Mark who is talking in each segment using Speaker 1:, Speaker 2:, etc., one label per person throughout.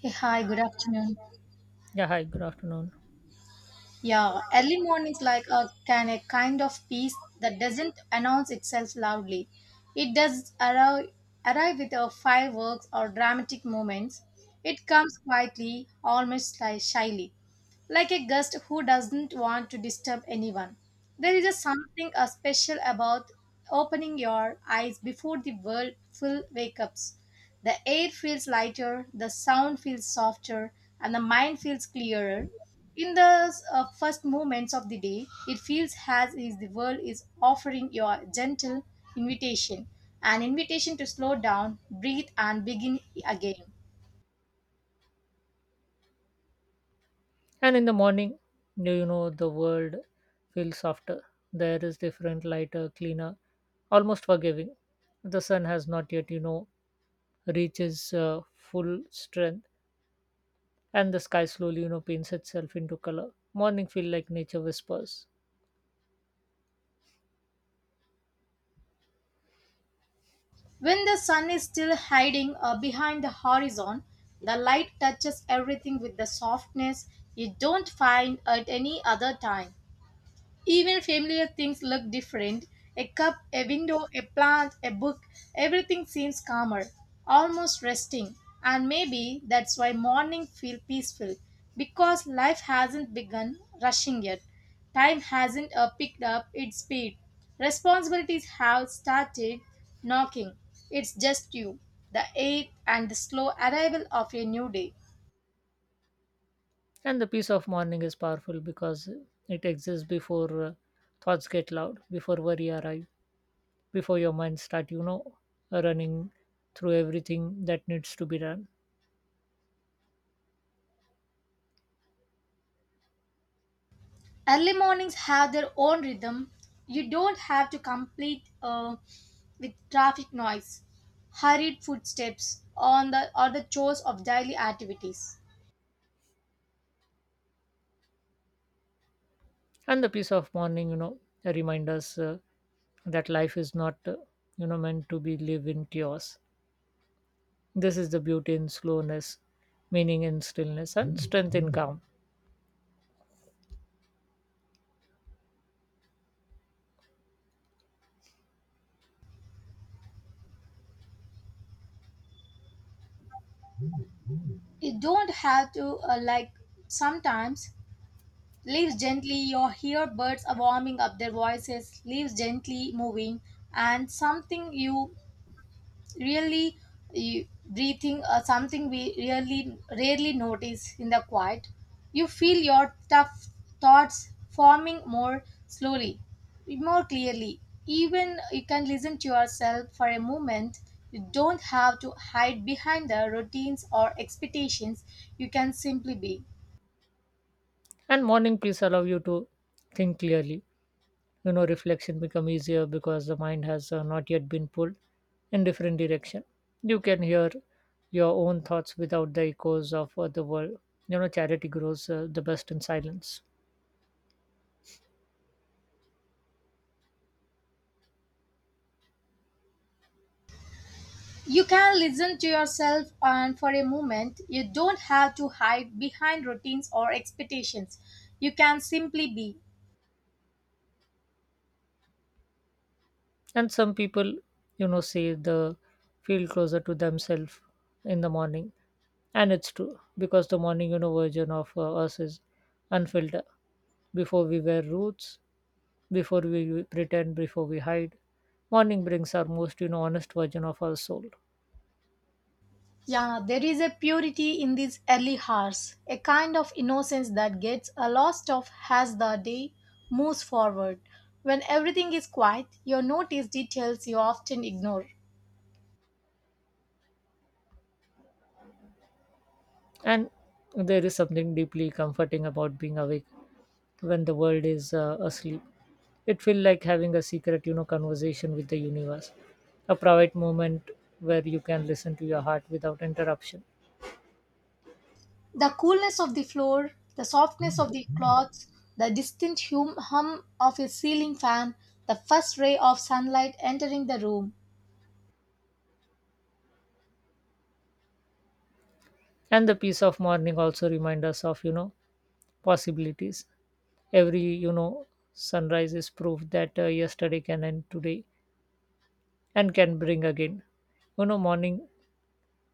Speaker 1: Hey, hi, good afternoon.
Speaker 2: Yeah, hi, good afternoon.
Speaker 1: Yeah, early mornings like a kind of peace that doesn't announce itself loudly. It does arrive, arrive with a fireworks or dramatic moments. It comes quietly, almost like shyly like a guest who doesn't want to disturb anyone. There is a something special about opening your eyes before the world full wake ups. The air feels lighter, the sound feels softer, and the mind feels clearer. In the first moments of the day, it feels as if the world is offering you a gentle invitation, an invitation to slow down, breathe, and begin again.
Speaker 2: And in the morning, the world feels softer. There is different, lighter, cleaner, almost forgiving. The sun has not yet, reaches full strength, and the sky slowly, paints itself into color. Morning feel like nature whispers,
Speaker 1: When the sun is still hiding behind the horizon, the light touches everything with the softness you don't find at any other time. Even familiar things look different. A cup, a window, a plant, a book, everything seems calmer, almost resting. And maybe that's why morning feel peaceful because life hasn't begun rushing yet. Time hasn't picked up its speed. Responsibilities have started knocking. It's just you, the eighth and the slow arrival of a new day.
Speaker 2: and the peace of morning is powerful because it exists before thoughts get loud, before worry arrive, before your mind start, running through everything that needs to be done.
Speaker 1: Early mornings have their own rhythm. You don't have to complete with traffic noise, hurried footsteps, on the or the chores of daily activities.
Speaker 2: And the peace of morning, remind us that life is not meant to be lived in chaos. This is the beauty in slowness, meaning in stillness, and strength in calm.
Speaker 1: You don't have to like sometimes leaves gently. You hear birds are warming up their voices. Leaves gently moving, and something you really you, breathing or something we really rarely notice in the quiet you feel your tough thoughts forming more slowly, more clearly, even you can listen to yourself for a moment. You don't have to hide behind the routines or expectations, you can simply be.
Speaker 2: And morning peace allow you to think clearly. Reflection become easier because the mind has not yet been pulled in different direction. You can hear your own thoughts without the echoes of the world. Charity grows the best in silence.
Speaker 1: You can listen to yourself and for a moment you don't have to hide behind routines or expectations, you can simply be.
Speaker 2: And some people, say the feel closer to themselves in the morning, and it's true because the morning, version of us is unfiltered. Before we wear roots, before we pretend, before we hide, morning brings our most, honest version of our soul.
Speaker 1: Yeah, there is a purity in these early hours, a kind of innocence that gets a lost of as the day moves forward. When everything is quiet, you notice details you often ignore.
Speaker 2: And there is something deeply comforting about being awake when the world is asleep. It feels like having a secret, conversation with the universe, a private moment where you can listen to your heart without interruption.
Speaker 1: The coolness of the floor, the softness of the cloths, the distant hum of a ceiling fan, the first ray of sunlight entering the room.
Speaker 2: And the peace of morning also remind us of, possibilities. Every sunrise is proof that yesterday can end today and can bring again. You know, morning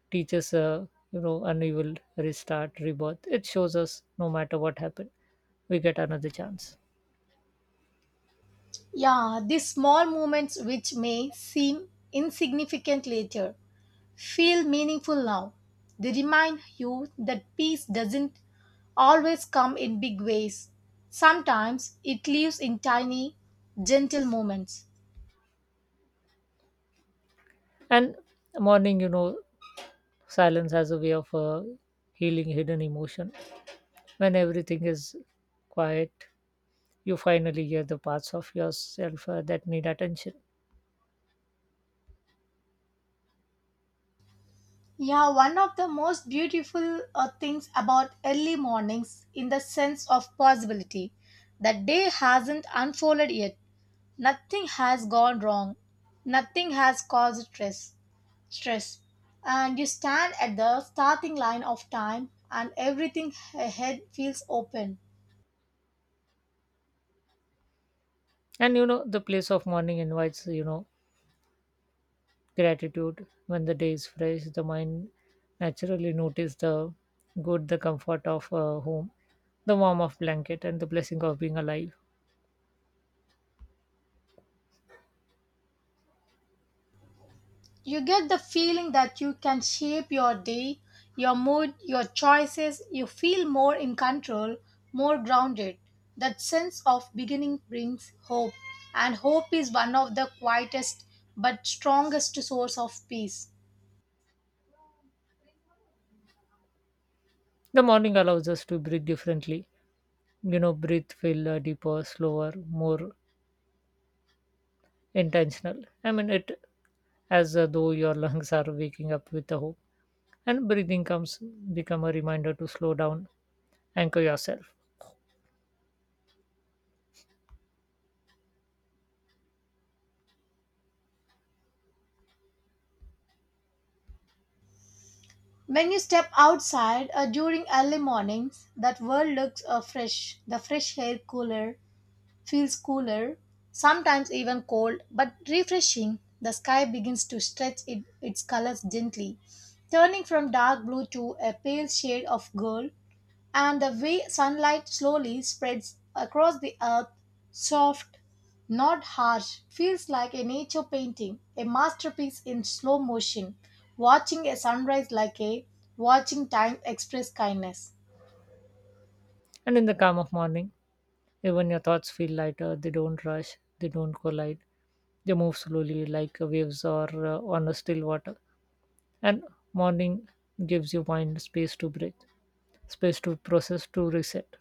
Speaker 2: teaches, an evil restart, rebirth. It shows us no matter what happened, we get another chance.
Speaker 1: Yeah, these small moments which may seem insignificant later feel meaningful now. They remind you that peace doesn't always come in big ways. Sometimes it lives in tiny, gentle moments.
Speaker 2: And morning, silence has a way of healing hidden emotion. When everything is quiet, you finally hear the parts of yourself that need attention.
Speaker 1: Yeah, one of the most beautiful things about early mornings in the sense of possibility. The day hasn't unfolded yet. Nothing has gone wrong. Nothing has caused stress. Stress and you stand at the starting line of time and everything ahead feels open.
Speaker 2: And you know, the place of mourning invites, gratitude. When the day is fresh, the mind naturally notices the good, the comfort of home, the warmth of blanket, and the blessing of being alive.
Speaker 1: You get the feeling that you can shape your day, your mood, your choices, you feel more in control, more grounded. That sense of beginning brings hope, and hope is one of the quietest but strongest source of peace.
Speaker 2: The morning allows us to breathe differently. You know, breathe feel deeper, slower, more intentional. I mean, it as though your lungs are waking up with a hope. And breathing comes become a reminder to slow down, anchor yourself.
Speaker 1: When you step outside during early mornings, that world looks fresh. The fresh air cooler, feels cooler, sometimes even cold, but refreshing. The sky begins to stretch it, its colors gently, turning from dark blue to a pale shade of gold, and the way sunlight slowly spreads across the earth, soft, not harsh, feels like a nature painting, a masterpiece in slow motion, watching a sunrise like a watching time express kindness.
Speaker 2: And in the calm of morning, even your thoughts feel lighter, they don't rush, they don't collide, they move slowly like waves or on a still water. And morning gives your mind space to breathe, space to process, to reset.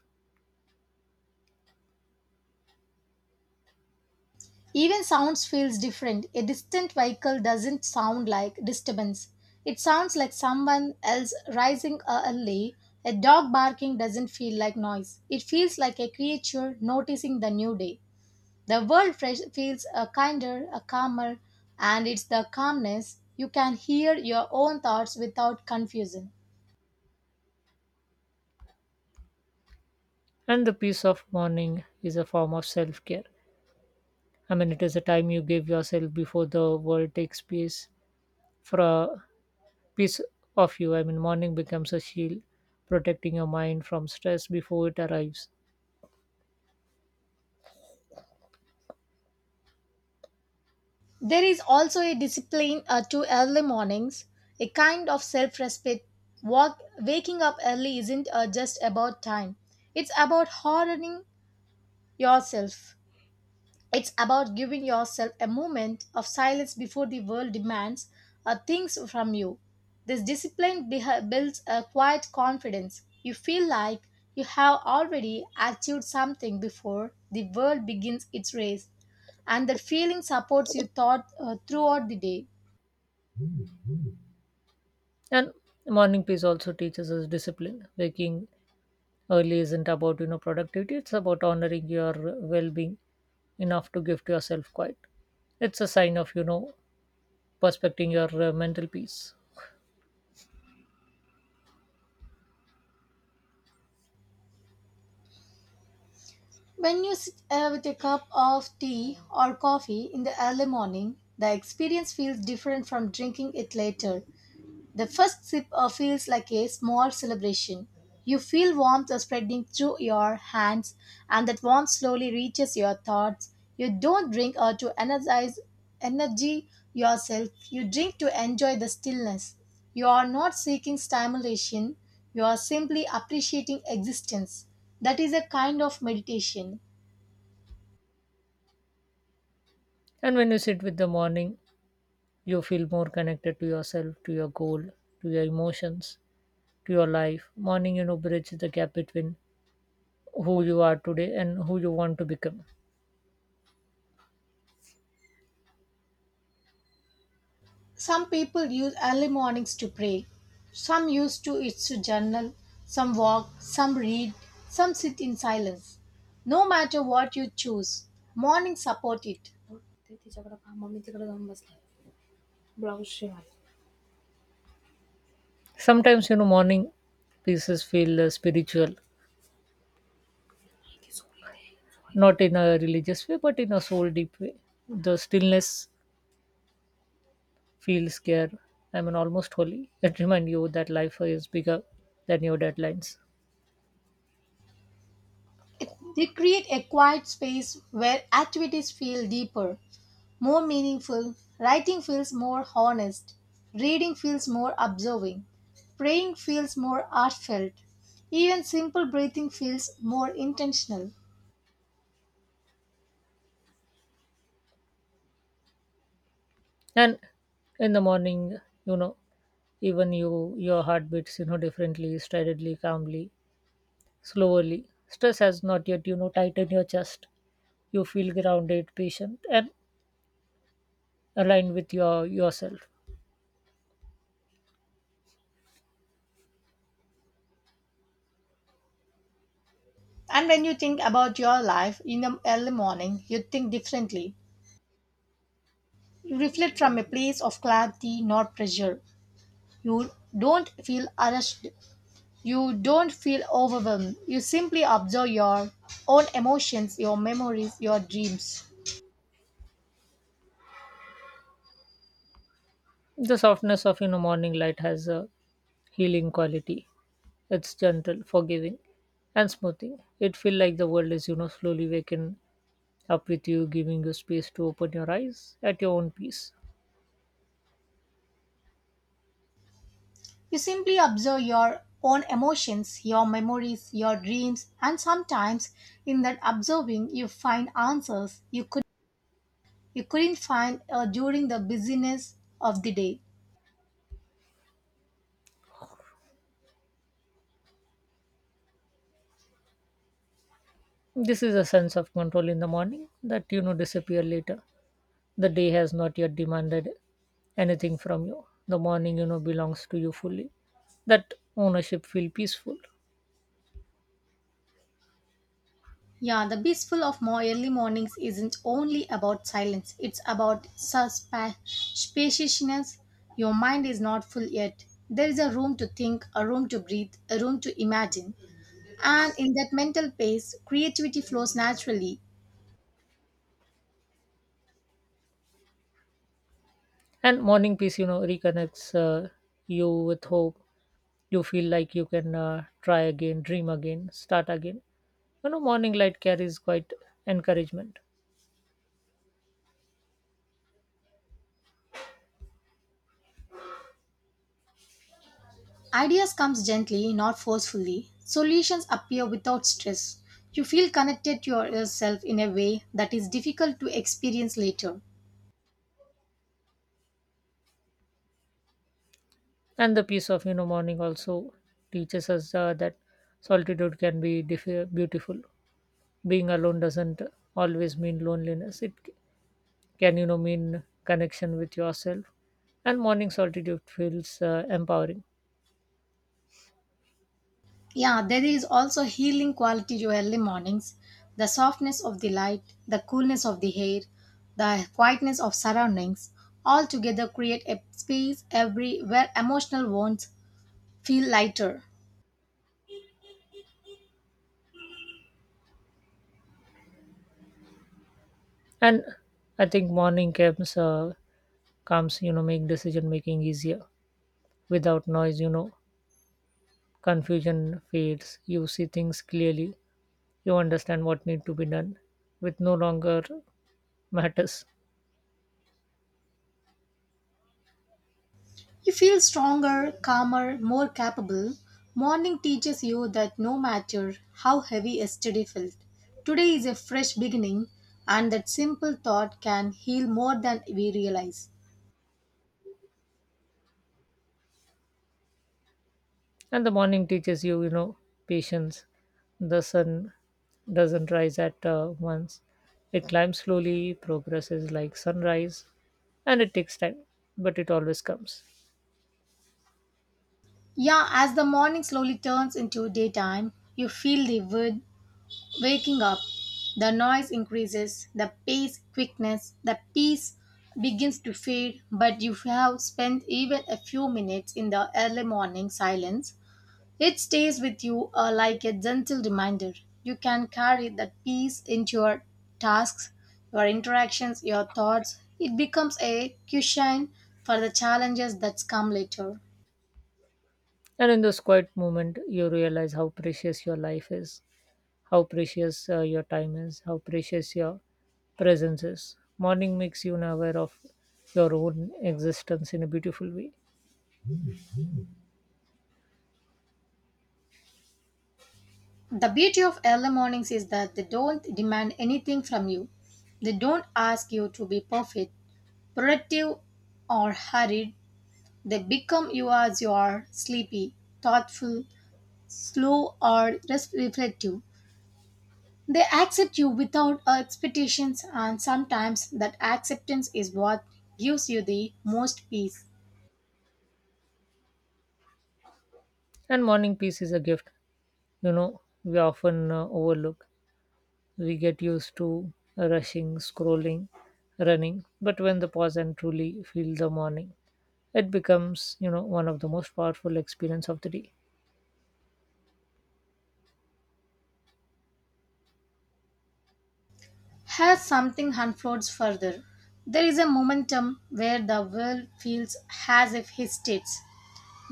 Speaker 1: Even sounds feels different. A distant vehicle doesn't sound like disturbance. It sounds like someone else rising a alley. A dog barking doesn't feel like noise. It feels like a creature noticing the new day. The world fresh feels a kinder, a calmer, and it's the calmness you can hear your own thoughts without confusion.
Speaker 2: And the peace of morning is a form of self care. I mean, it is a time you give yourself before the world takes space for piece of you. I mean, morning becomes a shield protecting your mind from stress before it arrives.
Speaker 1: There is also a discipline to early mornings, a kind of self respect. Waking up early isn't just about time, it's about hardening yourself. It's about giving yourself a moment of silence before the world demands things from you. This discipline builds a quiet confidence. You feel like you have already achieved something before the world begins its race, and that feeling supports you throughout the day.
Speaker 2: And morning peace also teaches us discipline. Waking early isn't about, productivity, it's about honoring your well-being enough to give to yourself quiet. It's a sign of, perspecting your mental peace.
Speaker 1: When you sit with a cup of tea or coffee in the early morning, the experience feels different from drinking it later. The first sip feels like a small celebration. You feel warmth spreading through your hands, and that warmth slowly reaches your thoughts. You don't drink to energize energy yourself. You drink to enjoy the stillness. You are not seeking stimulation. You are simply appreciating existence. That is a kind of meditation.
Speaker 2: And when you sit with the morning, you feel more connected to yourself, to your goal, to your emotions, to your life. Morning, bridges the gap between who you are today and who you want to become.
Speaker 1: Some people use early mornings to pray. Some use to it to journal. Some walk. Some read. Some sit in silence. No matter what you choose, mornings support it.
Speaker 2: Sometimes, morning pieces feel spiritual, not in a religious way, but in a soul deep way. The stillness feels scared. I mean, almost holy. It reminds you that life is bigger than your deadlines.
Speaker 1: It. They create a quiet space where activities feel deeper, more meaningful. Writing feels more honest. Reading feels more observing. Praying feels more heartfelt. Even simple breathing feels more intentional.
Speaker 2: And in the morning, you know, even you, your heart beats, differently, steadily, calmly, slowly. Stress has not yet, tightened your chest. You feel grounded, patient, and aligned with yourself.
Speaker 1: And when you think about your life in the early morning, you think differently. You reflect from a place of clarity, not pressure. You don't feel rushed. You don't feel overwhelmed. You simply observe your own emotions, your memories, your dreams.
Speaker 2: The softness of, morning light has healing quality. It's gentle, forgiving, and smoothing. It feels like the world is, slowly waking up with you, giving you space to open your eyes at your own pace.
Speaker 1: You simply observe your own emotions, your memories, your dreams, and sometimes in that observing, you find answers you could you couldn't find during the busyness of the day.
Speaker 2: This is a sense of control in the morning that, disappear later. The day has not yet demanded anything from you. The morning, belongs to you fully. That ownership feel peaceful.
Speaker 1: Yeah, the peaceful of more early mornings isn't only about silence, it's about spaciousness. Your mind is not full yet. There is a room to think, a room to breathe, a room to imagine. And in that mental pace, creativity flows naturally.
Speaker 2: And morning peace, reconnects you with hope. You feel like you can try again, dream again, start again. Morning light carries quite encouragement.
Speaker 1: Ideas comes gently, not forcefully. Solutions appear without stress. You feel connected to yourself in a way that is difficult to experience later.
Speaker 2: And the peace of, morning also teaches us that solitude can be beautiful. Being alone doesn't always mean loneliness, it c- can mean connection with yourself, and morning solitude feels empowering.
Speaker 1: Yeah, there is also healing quality to early mornings. The softness of the light, the coolness of the air, the quietness of surroundings all together create a space every where emotional wounds feel lighter.
Speaker 2: And I think morning camps comes make decision making easier. Without noise, confusion fades, you see things clearly. You understand what need to be done, with no longer matters.
Speaker 1: You feel stronger, calmer, more capable. Morning teaches you that no matter how heavy yesterday felt, today is a fresh beginning and that simple thought can heal more than we realize.
Speaker 2: And the morning teaches you, patience. The sun doesn't rise at once. It climbs slowly, progresses like sunrise, and it takes time, but it always comes.
Speaker 1: Yeah, as the morning slowly turns into daytime, you feel the wood waking up. The noise increases, the pace, quickness, the peace begins to fade, but you have spent even a few minutes in the early morning silence. It stays with you like a gentle reminder. You can carry that peace into your tasks, your interactions, your thoughts. It becomes a cushion for the challenges that come later.
Speaker 2: And in this quiet moment, you realize how precious your life is, how precious your time is, how precious your presence is. Morning makes you aware of your own existence in a beautiful way.
Speaker 1: The beauty of early mornings is that they don't demand anything from you. They don't ask you to be perfect, productive, or hurried. They become you as you are sleepy, thoughtful, slow, or reflective. They accept you without expectations, and sometimes that acceptance is what gives you the most peace.
Speaker 2: And morning peace is a gift, we often overlook. We get used to rushing, scrolling, running, but when the pause and truly feel the morning, it becomes, one of the most powerful experience of the day.
Speaker 1: As something unfolds further, there is a momentum where the world feels as if hesitates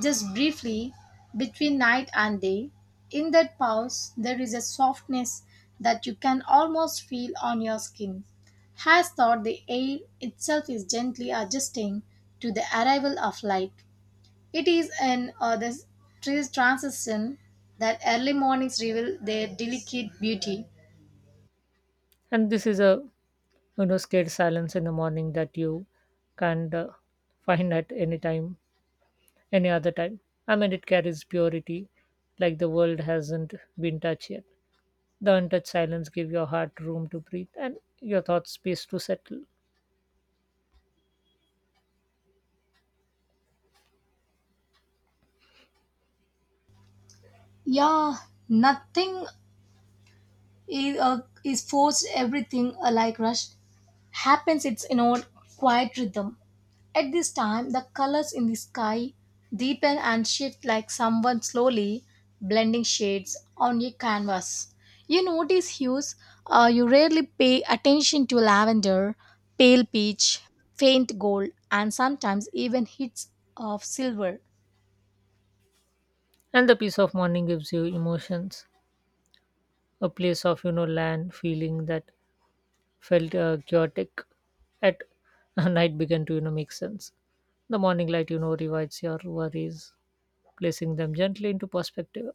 Speaker 1: just briefly, between night and day. In that pause, there is a softness that you can almost feel on your skin. Has thought the air itself is gently adjusting to the arrival of light. It is an this transition that early mornings reveal their delicate beauty.
Speaker 2: And this is a, scared silence in the morning that you can't find at any other time. I mean, it carries purity, like the world hasn't been touched yet. The untouched silence give your heart room to breathe and your thoughts space to settle.
Speaker 1: Yeah, nothing is forced everything alike rush happens its quiet rhythm. At this time the colors in the sky deepen and shift like someone slowly blending shades on a canvas. You notice hues you rarely pay attention to lavender, pale peach, faint gold, and sometimes even hits of silver.
Speaker 2: And the peace of morning gives you emotions, a place of, land feeling that felt chaotic at night began to, make sense. The morning light, revives your worries, placing them gently into perspective.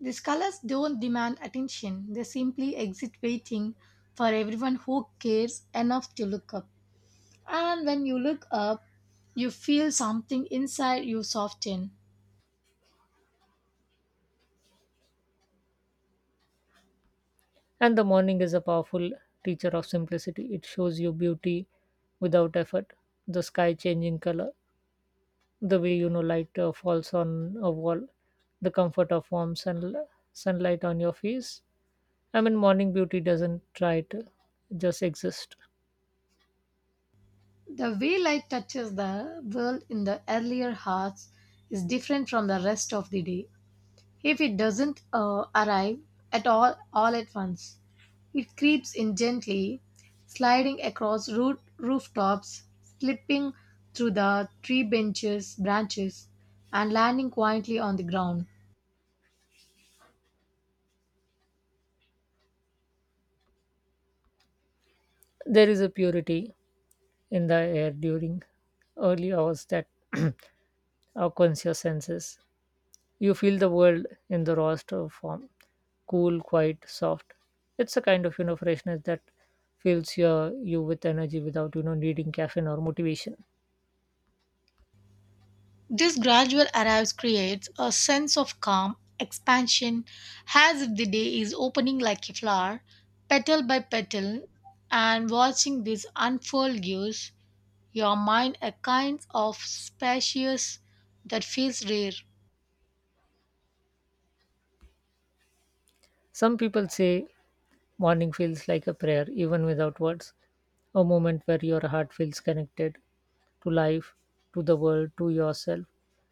Speaker 1: These colors don't demand attention, they simply exist waiting for everyone who cares enough to look up. And when you look up, you feel something inside you soften.
Speaker 2: And the morning is a powerful teacher of simplicity. It shows you beauty without effort, the sky changing color, the way, light falls on a wall, the comfort of warm sunlight on your face. I mean, morning beauty doesn't try to just exist.
Speaker 1: The way light touches the world in the earlier hours is different from the rest of the day. If it doesn't arrive at all at once, it creeps in gently, sliding across root rooftops, slipping through the branches, and landing quietly on the ground.
Speaker 2: There is a purity in the air during early hours that awakens your senses. You feel the world in the rawest of form, cool, quiet, soft. It's a kind of, freshness that fills you with energy without, needing caffeine or motivation.
Speaker 1: This gradual arrival creates a sense of calm, expansion, as if the day is opening like a flower, petal by petal, and watching this unfold gives your mind a kind of spacious that feels rare.
Speaker 2: Some people say morning feels like a prayer, even without words, a moment where your heart feels connected to life, to the world, to yourself.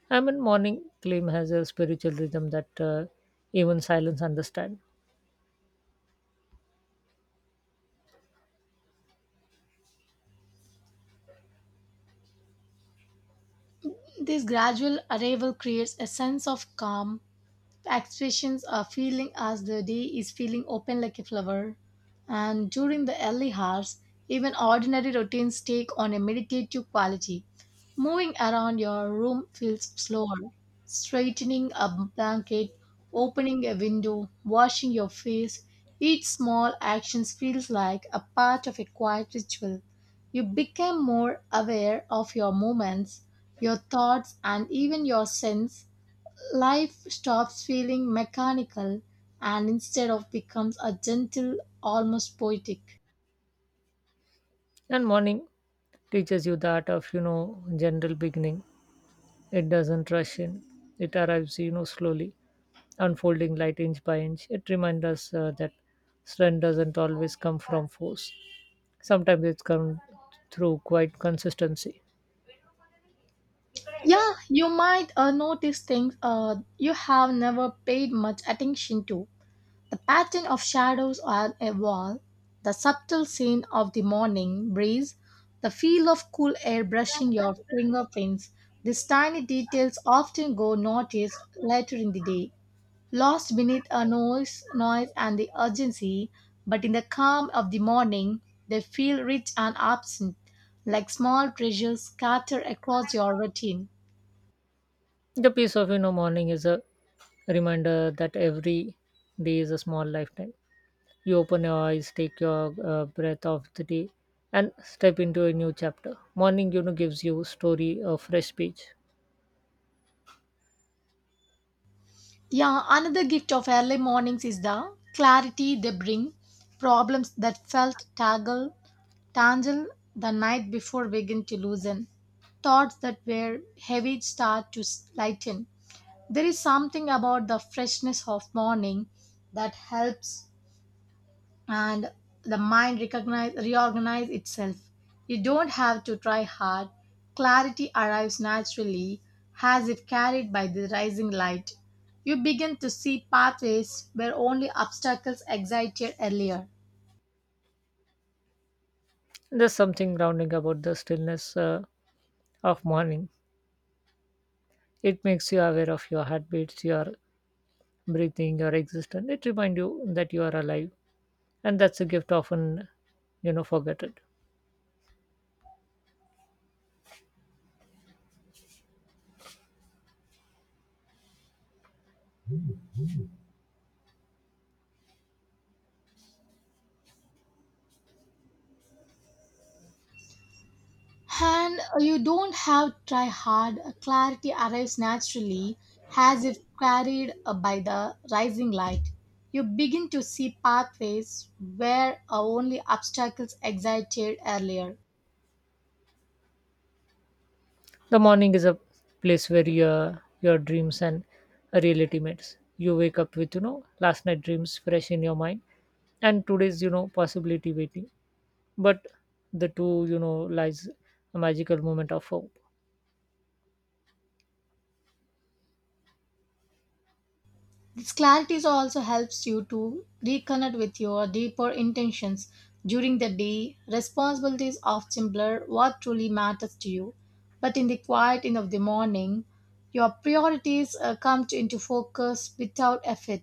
Speaker 2: I mean, morning claim has a spiritual rhythm that even silence understand.
Speaker 1: This gradual arrival creates a sense of calm, the expressions are feeling as the day is feeling open like a flower. And during the early hours, even ordinary routines take on a meditative quality. Moving around your room feels slower. Straightening a blanket, opening a window, washing your face, each small action feels like a part of a quiet ritual. You become more aware of your movements, your thoughts, and even your sense. Life stops feeling mechanical and instead of becomes a gentle, almost poetic.
Speaker 2: And morning teaches you the art of, general beginning. It doesn't rush in. It arrives, slowly, unfolding light inch by inch. It reminds us that strength doesn't always come from force. Sometimes it's come through quite consistency.
Speaker 1: Yeah, you might notice things you have never paid much attention to. The pattern of shadows on a wall, the subtle scent of the morning breeze, the feel of cool air brushing your fingerprints. These tiny details often go noticed later in the day, lost beneath a noise and the urgency, but in the calm of the morning they feel rich and absent, like small treasures scattered across your routine.
Speaker 2: The peace of, morning is a reminder that every day is a small lifetime. You open your eyes, take your breath of the day, and step into a new chapter. Morning, gives you story a fresh page.
Speaker 1: Yeah, another gift of early mornings is the clarity they bring. Problems that felt tangle the night before begin to loosen. Thoughts that were heavy start to lighten. There is something about the freshness of morning that helps and the mind recognize reorganize itself. You don't have to try hard, clarity arrives naturally as it carried by the rising light. You begin to see pathways where only obstacles excited earlier.
Speaker 2: There's something grounding about the stillness of morning. It makes you aware of your heartbeats, your breathing, your existence. It reminds you that you are alive, and that's a gift often, forgotten.
Speaker 1: And you don't have to try hard, clarity arrives naturally as if carried by the rising light. You begin to see pathways where only obstacles excited earlier.
Speaker 2: The morning is a place where your dreams and reality meets. You wake up with, last night dreams fresh in your mind and today's, possibility waiting. But the two, lies a magical moment of hope.
Speaker 1: This clarity also helps you to reconnect with your deeper intentions during the day. Responsibilities of simpler what truly matters to you, but in the quiet end of the morning, your priorities come into focus without effort.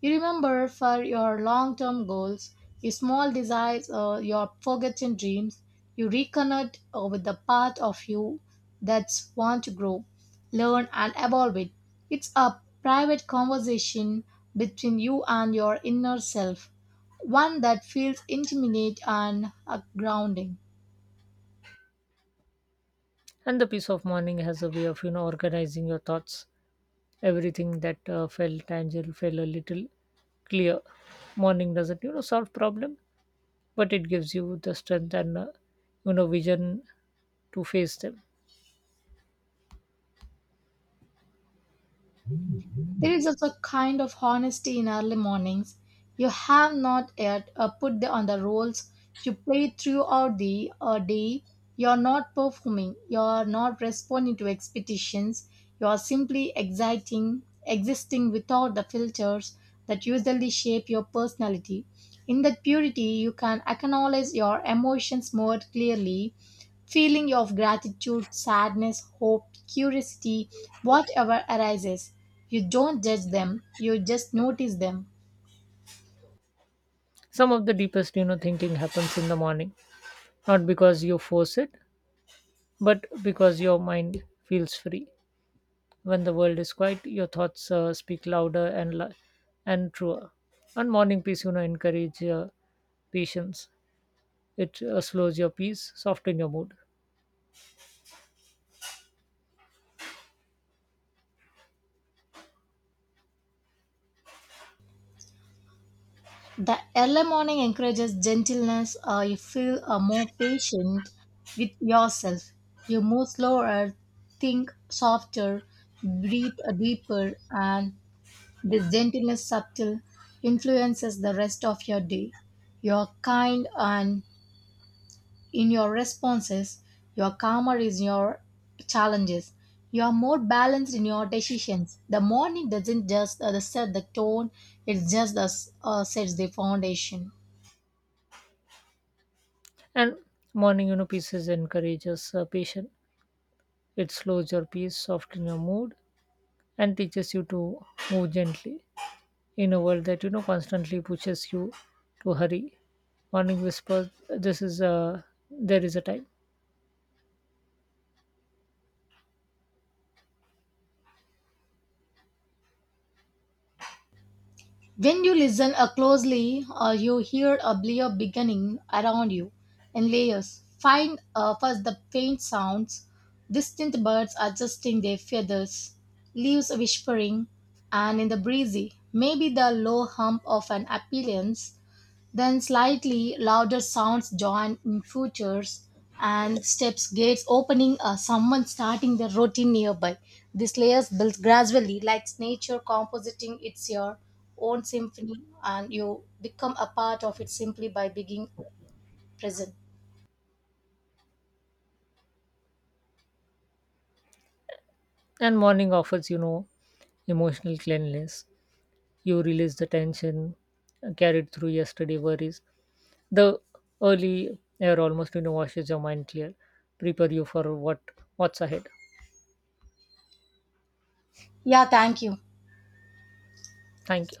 Speaker 1: You remember for your long-term goals, your small desires, your forgotten dreams. You reconnect with the part of you that's want to grow, learn and evolve it. It's a private conversation between you and your inner self, one that feels intimate and grounding.
Speaker 2: And the peace of morning has a way of, organizing your thoughts. Everything that felt tangible felt a little clear. Morning doesn't, solve problem, but it gives you the strength and vision to face them.
Speaker 1: There is also a kind of honesty in early mornings. You have not yet put on the roles you play throughout the day. You are not performing. You are not responding to expectations. You are simply existing without the filters that usually shape your personality. In that purity, you can acknowledge your emotions more clearly feeling of gratitude, sadness, hope, curiosity, whatever arises. You don't judge them, you just notice them.
Speaker 2: Some of the deepest, thinking happens in the morning, not because you force it, but because your mind feels free. When the world is quiet, your thoughts speak louder and truer. And morning peace, encourage patience. It slows your peace, soften your mood.
Speaker 1: The early morning encourages gentleness, you feel more patient with yourself. You move slower, think softer, breathe deeper, and this gentleness subtle influences the rest of your day. You're kind and in your responses, you're calmer in your challenges, you're more balanced in your decisions. The morning doesn't just set the tone, it just sets the foundation.
Speaker 2: And morning, pieces encourages patience. It slows your peace, soften your mood, and teaches you to move gently in a world that, constantly pushes you to hurry. Morning whispers, "This is a there is a time."
Speaker 1: When you listen closely, you hear a clear beginning around you in layers. Find first the faint sounds, distant birds adjusting their feathers, leaves whispering, and in the breezy, maybe the low hum of an appearance. Then slightly louder sounds join in futures and steps gates opening or someone starting their routine nearby. These layers build gradually like nature compositing its your own symphony and you become a part of it simply by being present.
Speaker 2: And morning offers, emotional cleanliness. You release the tension carried through yesterday worries. The early air almost, washes your mind clear, prepare you for what what's ahead.
Speaker 1: Yeah, thank you.
Speaker 2: Thank you.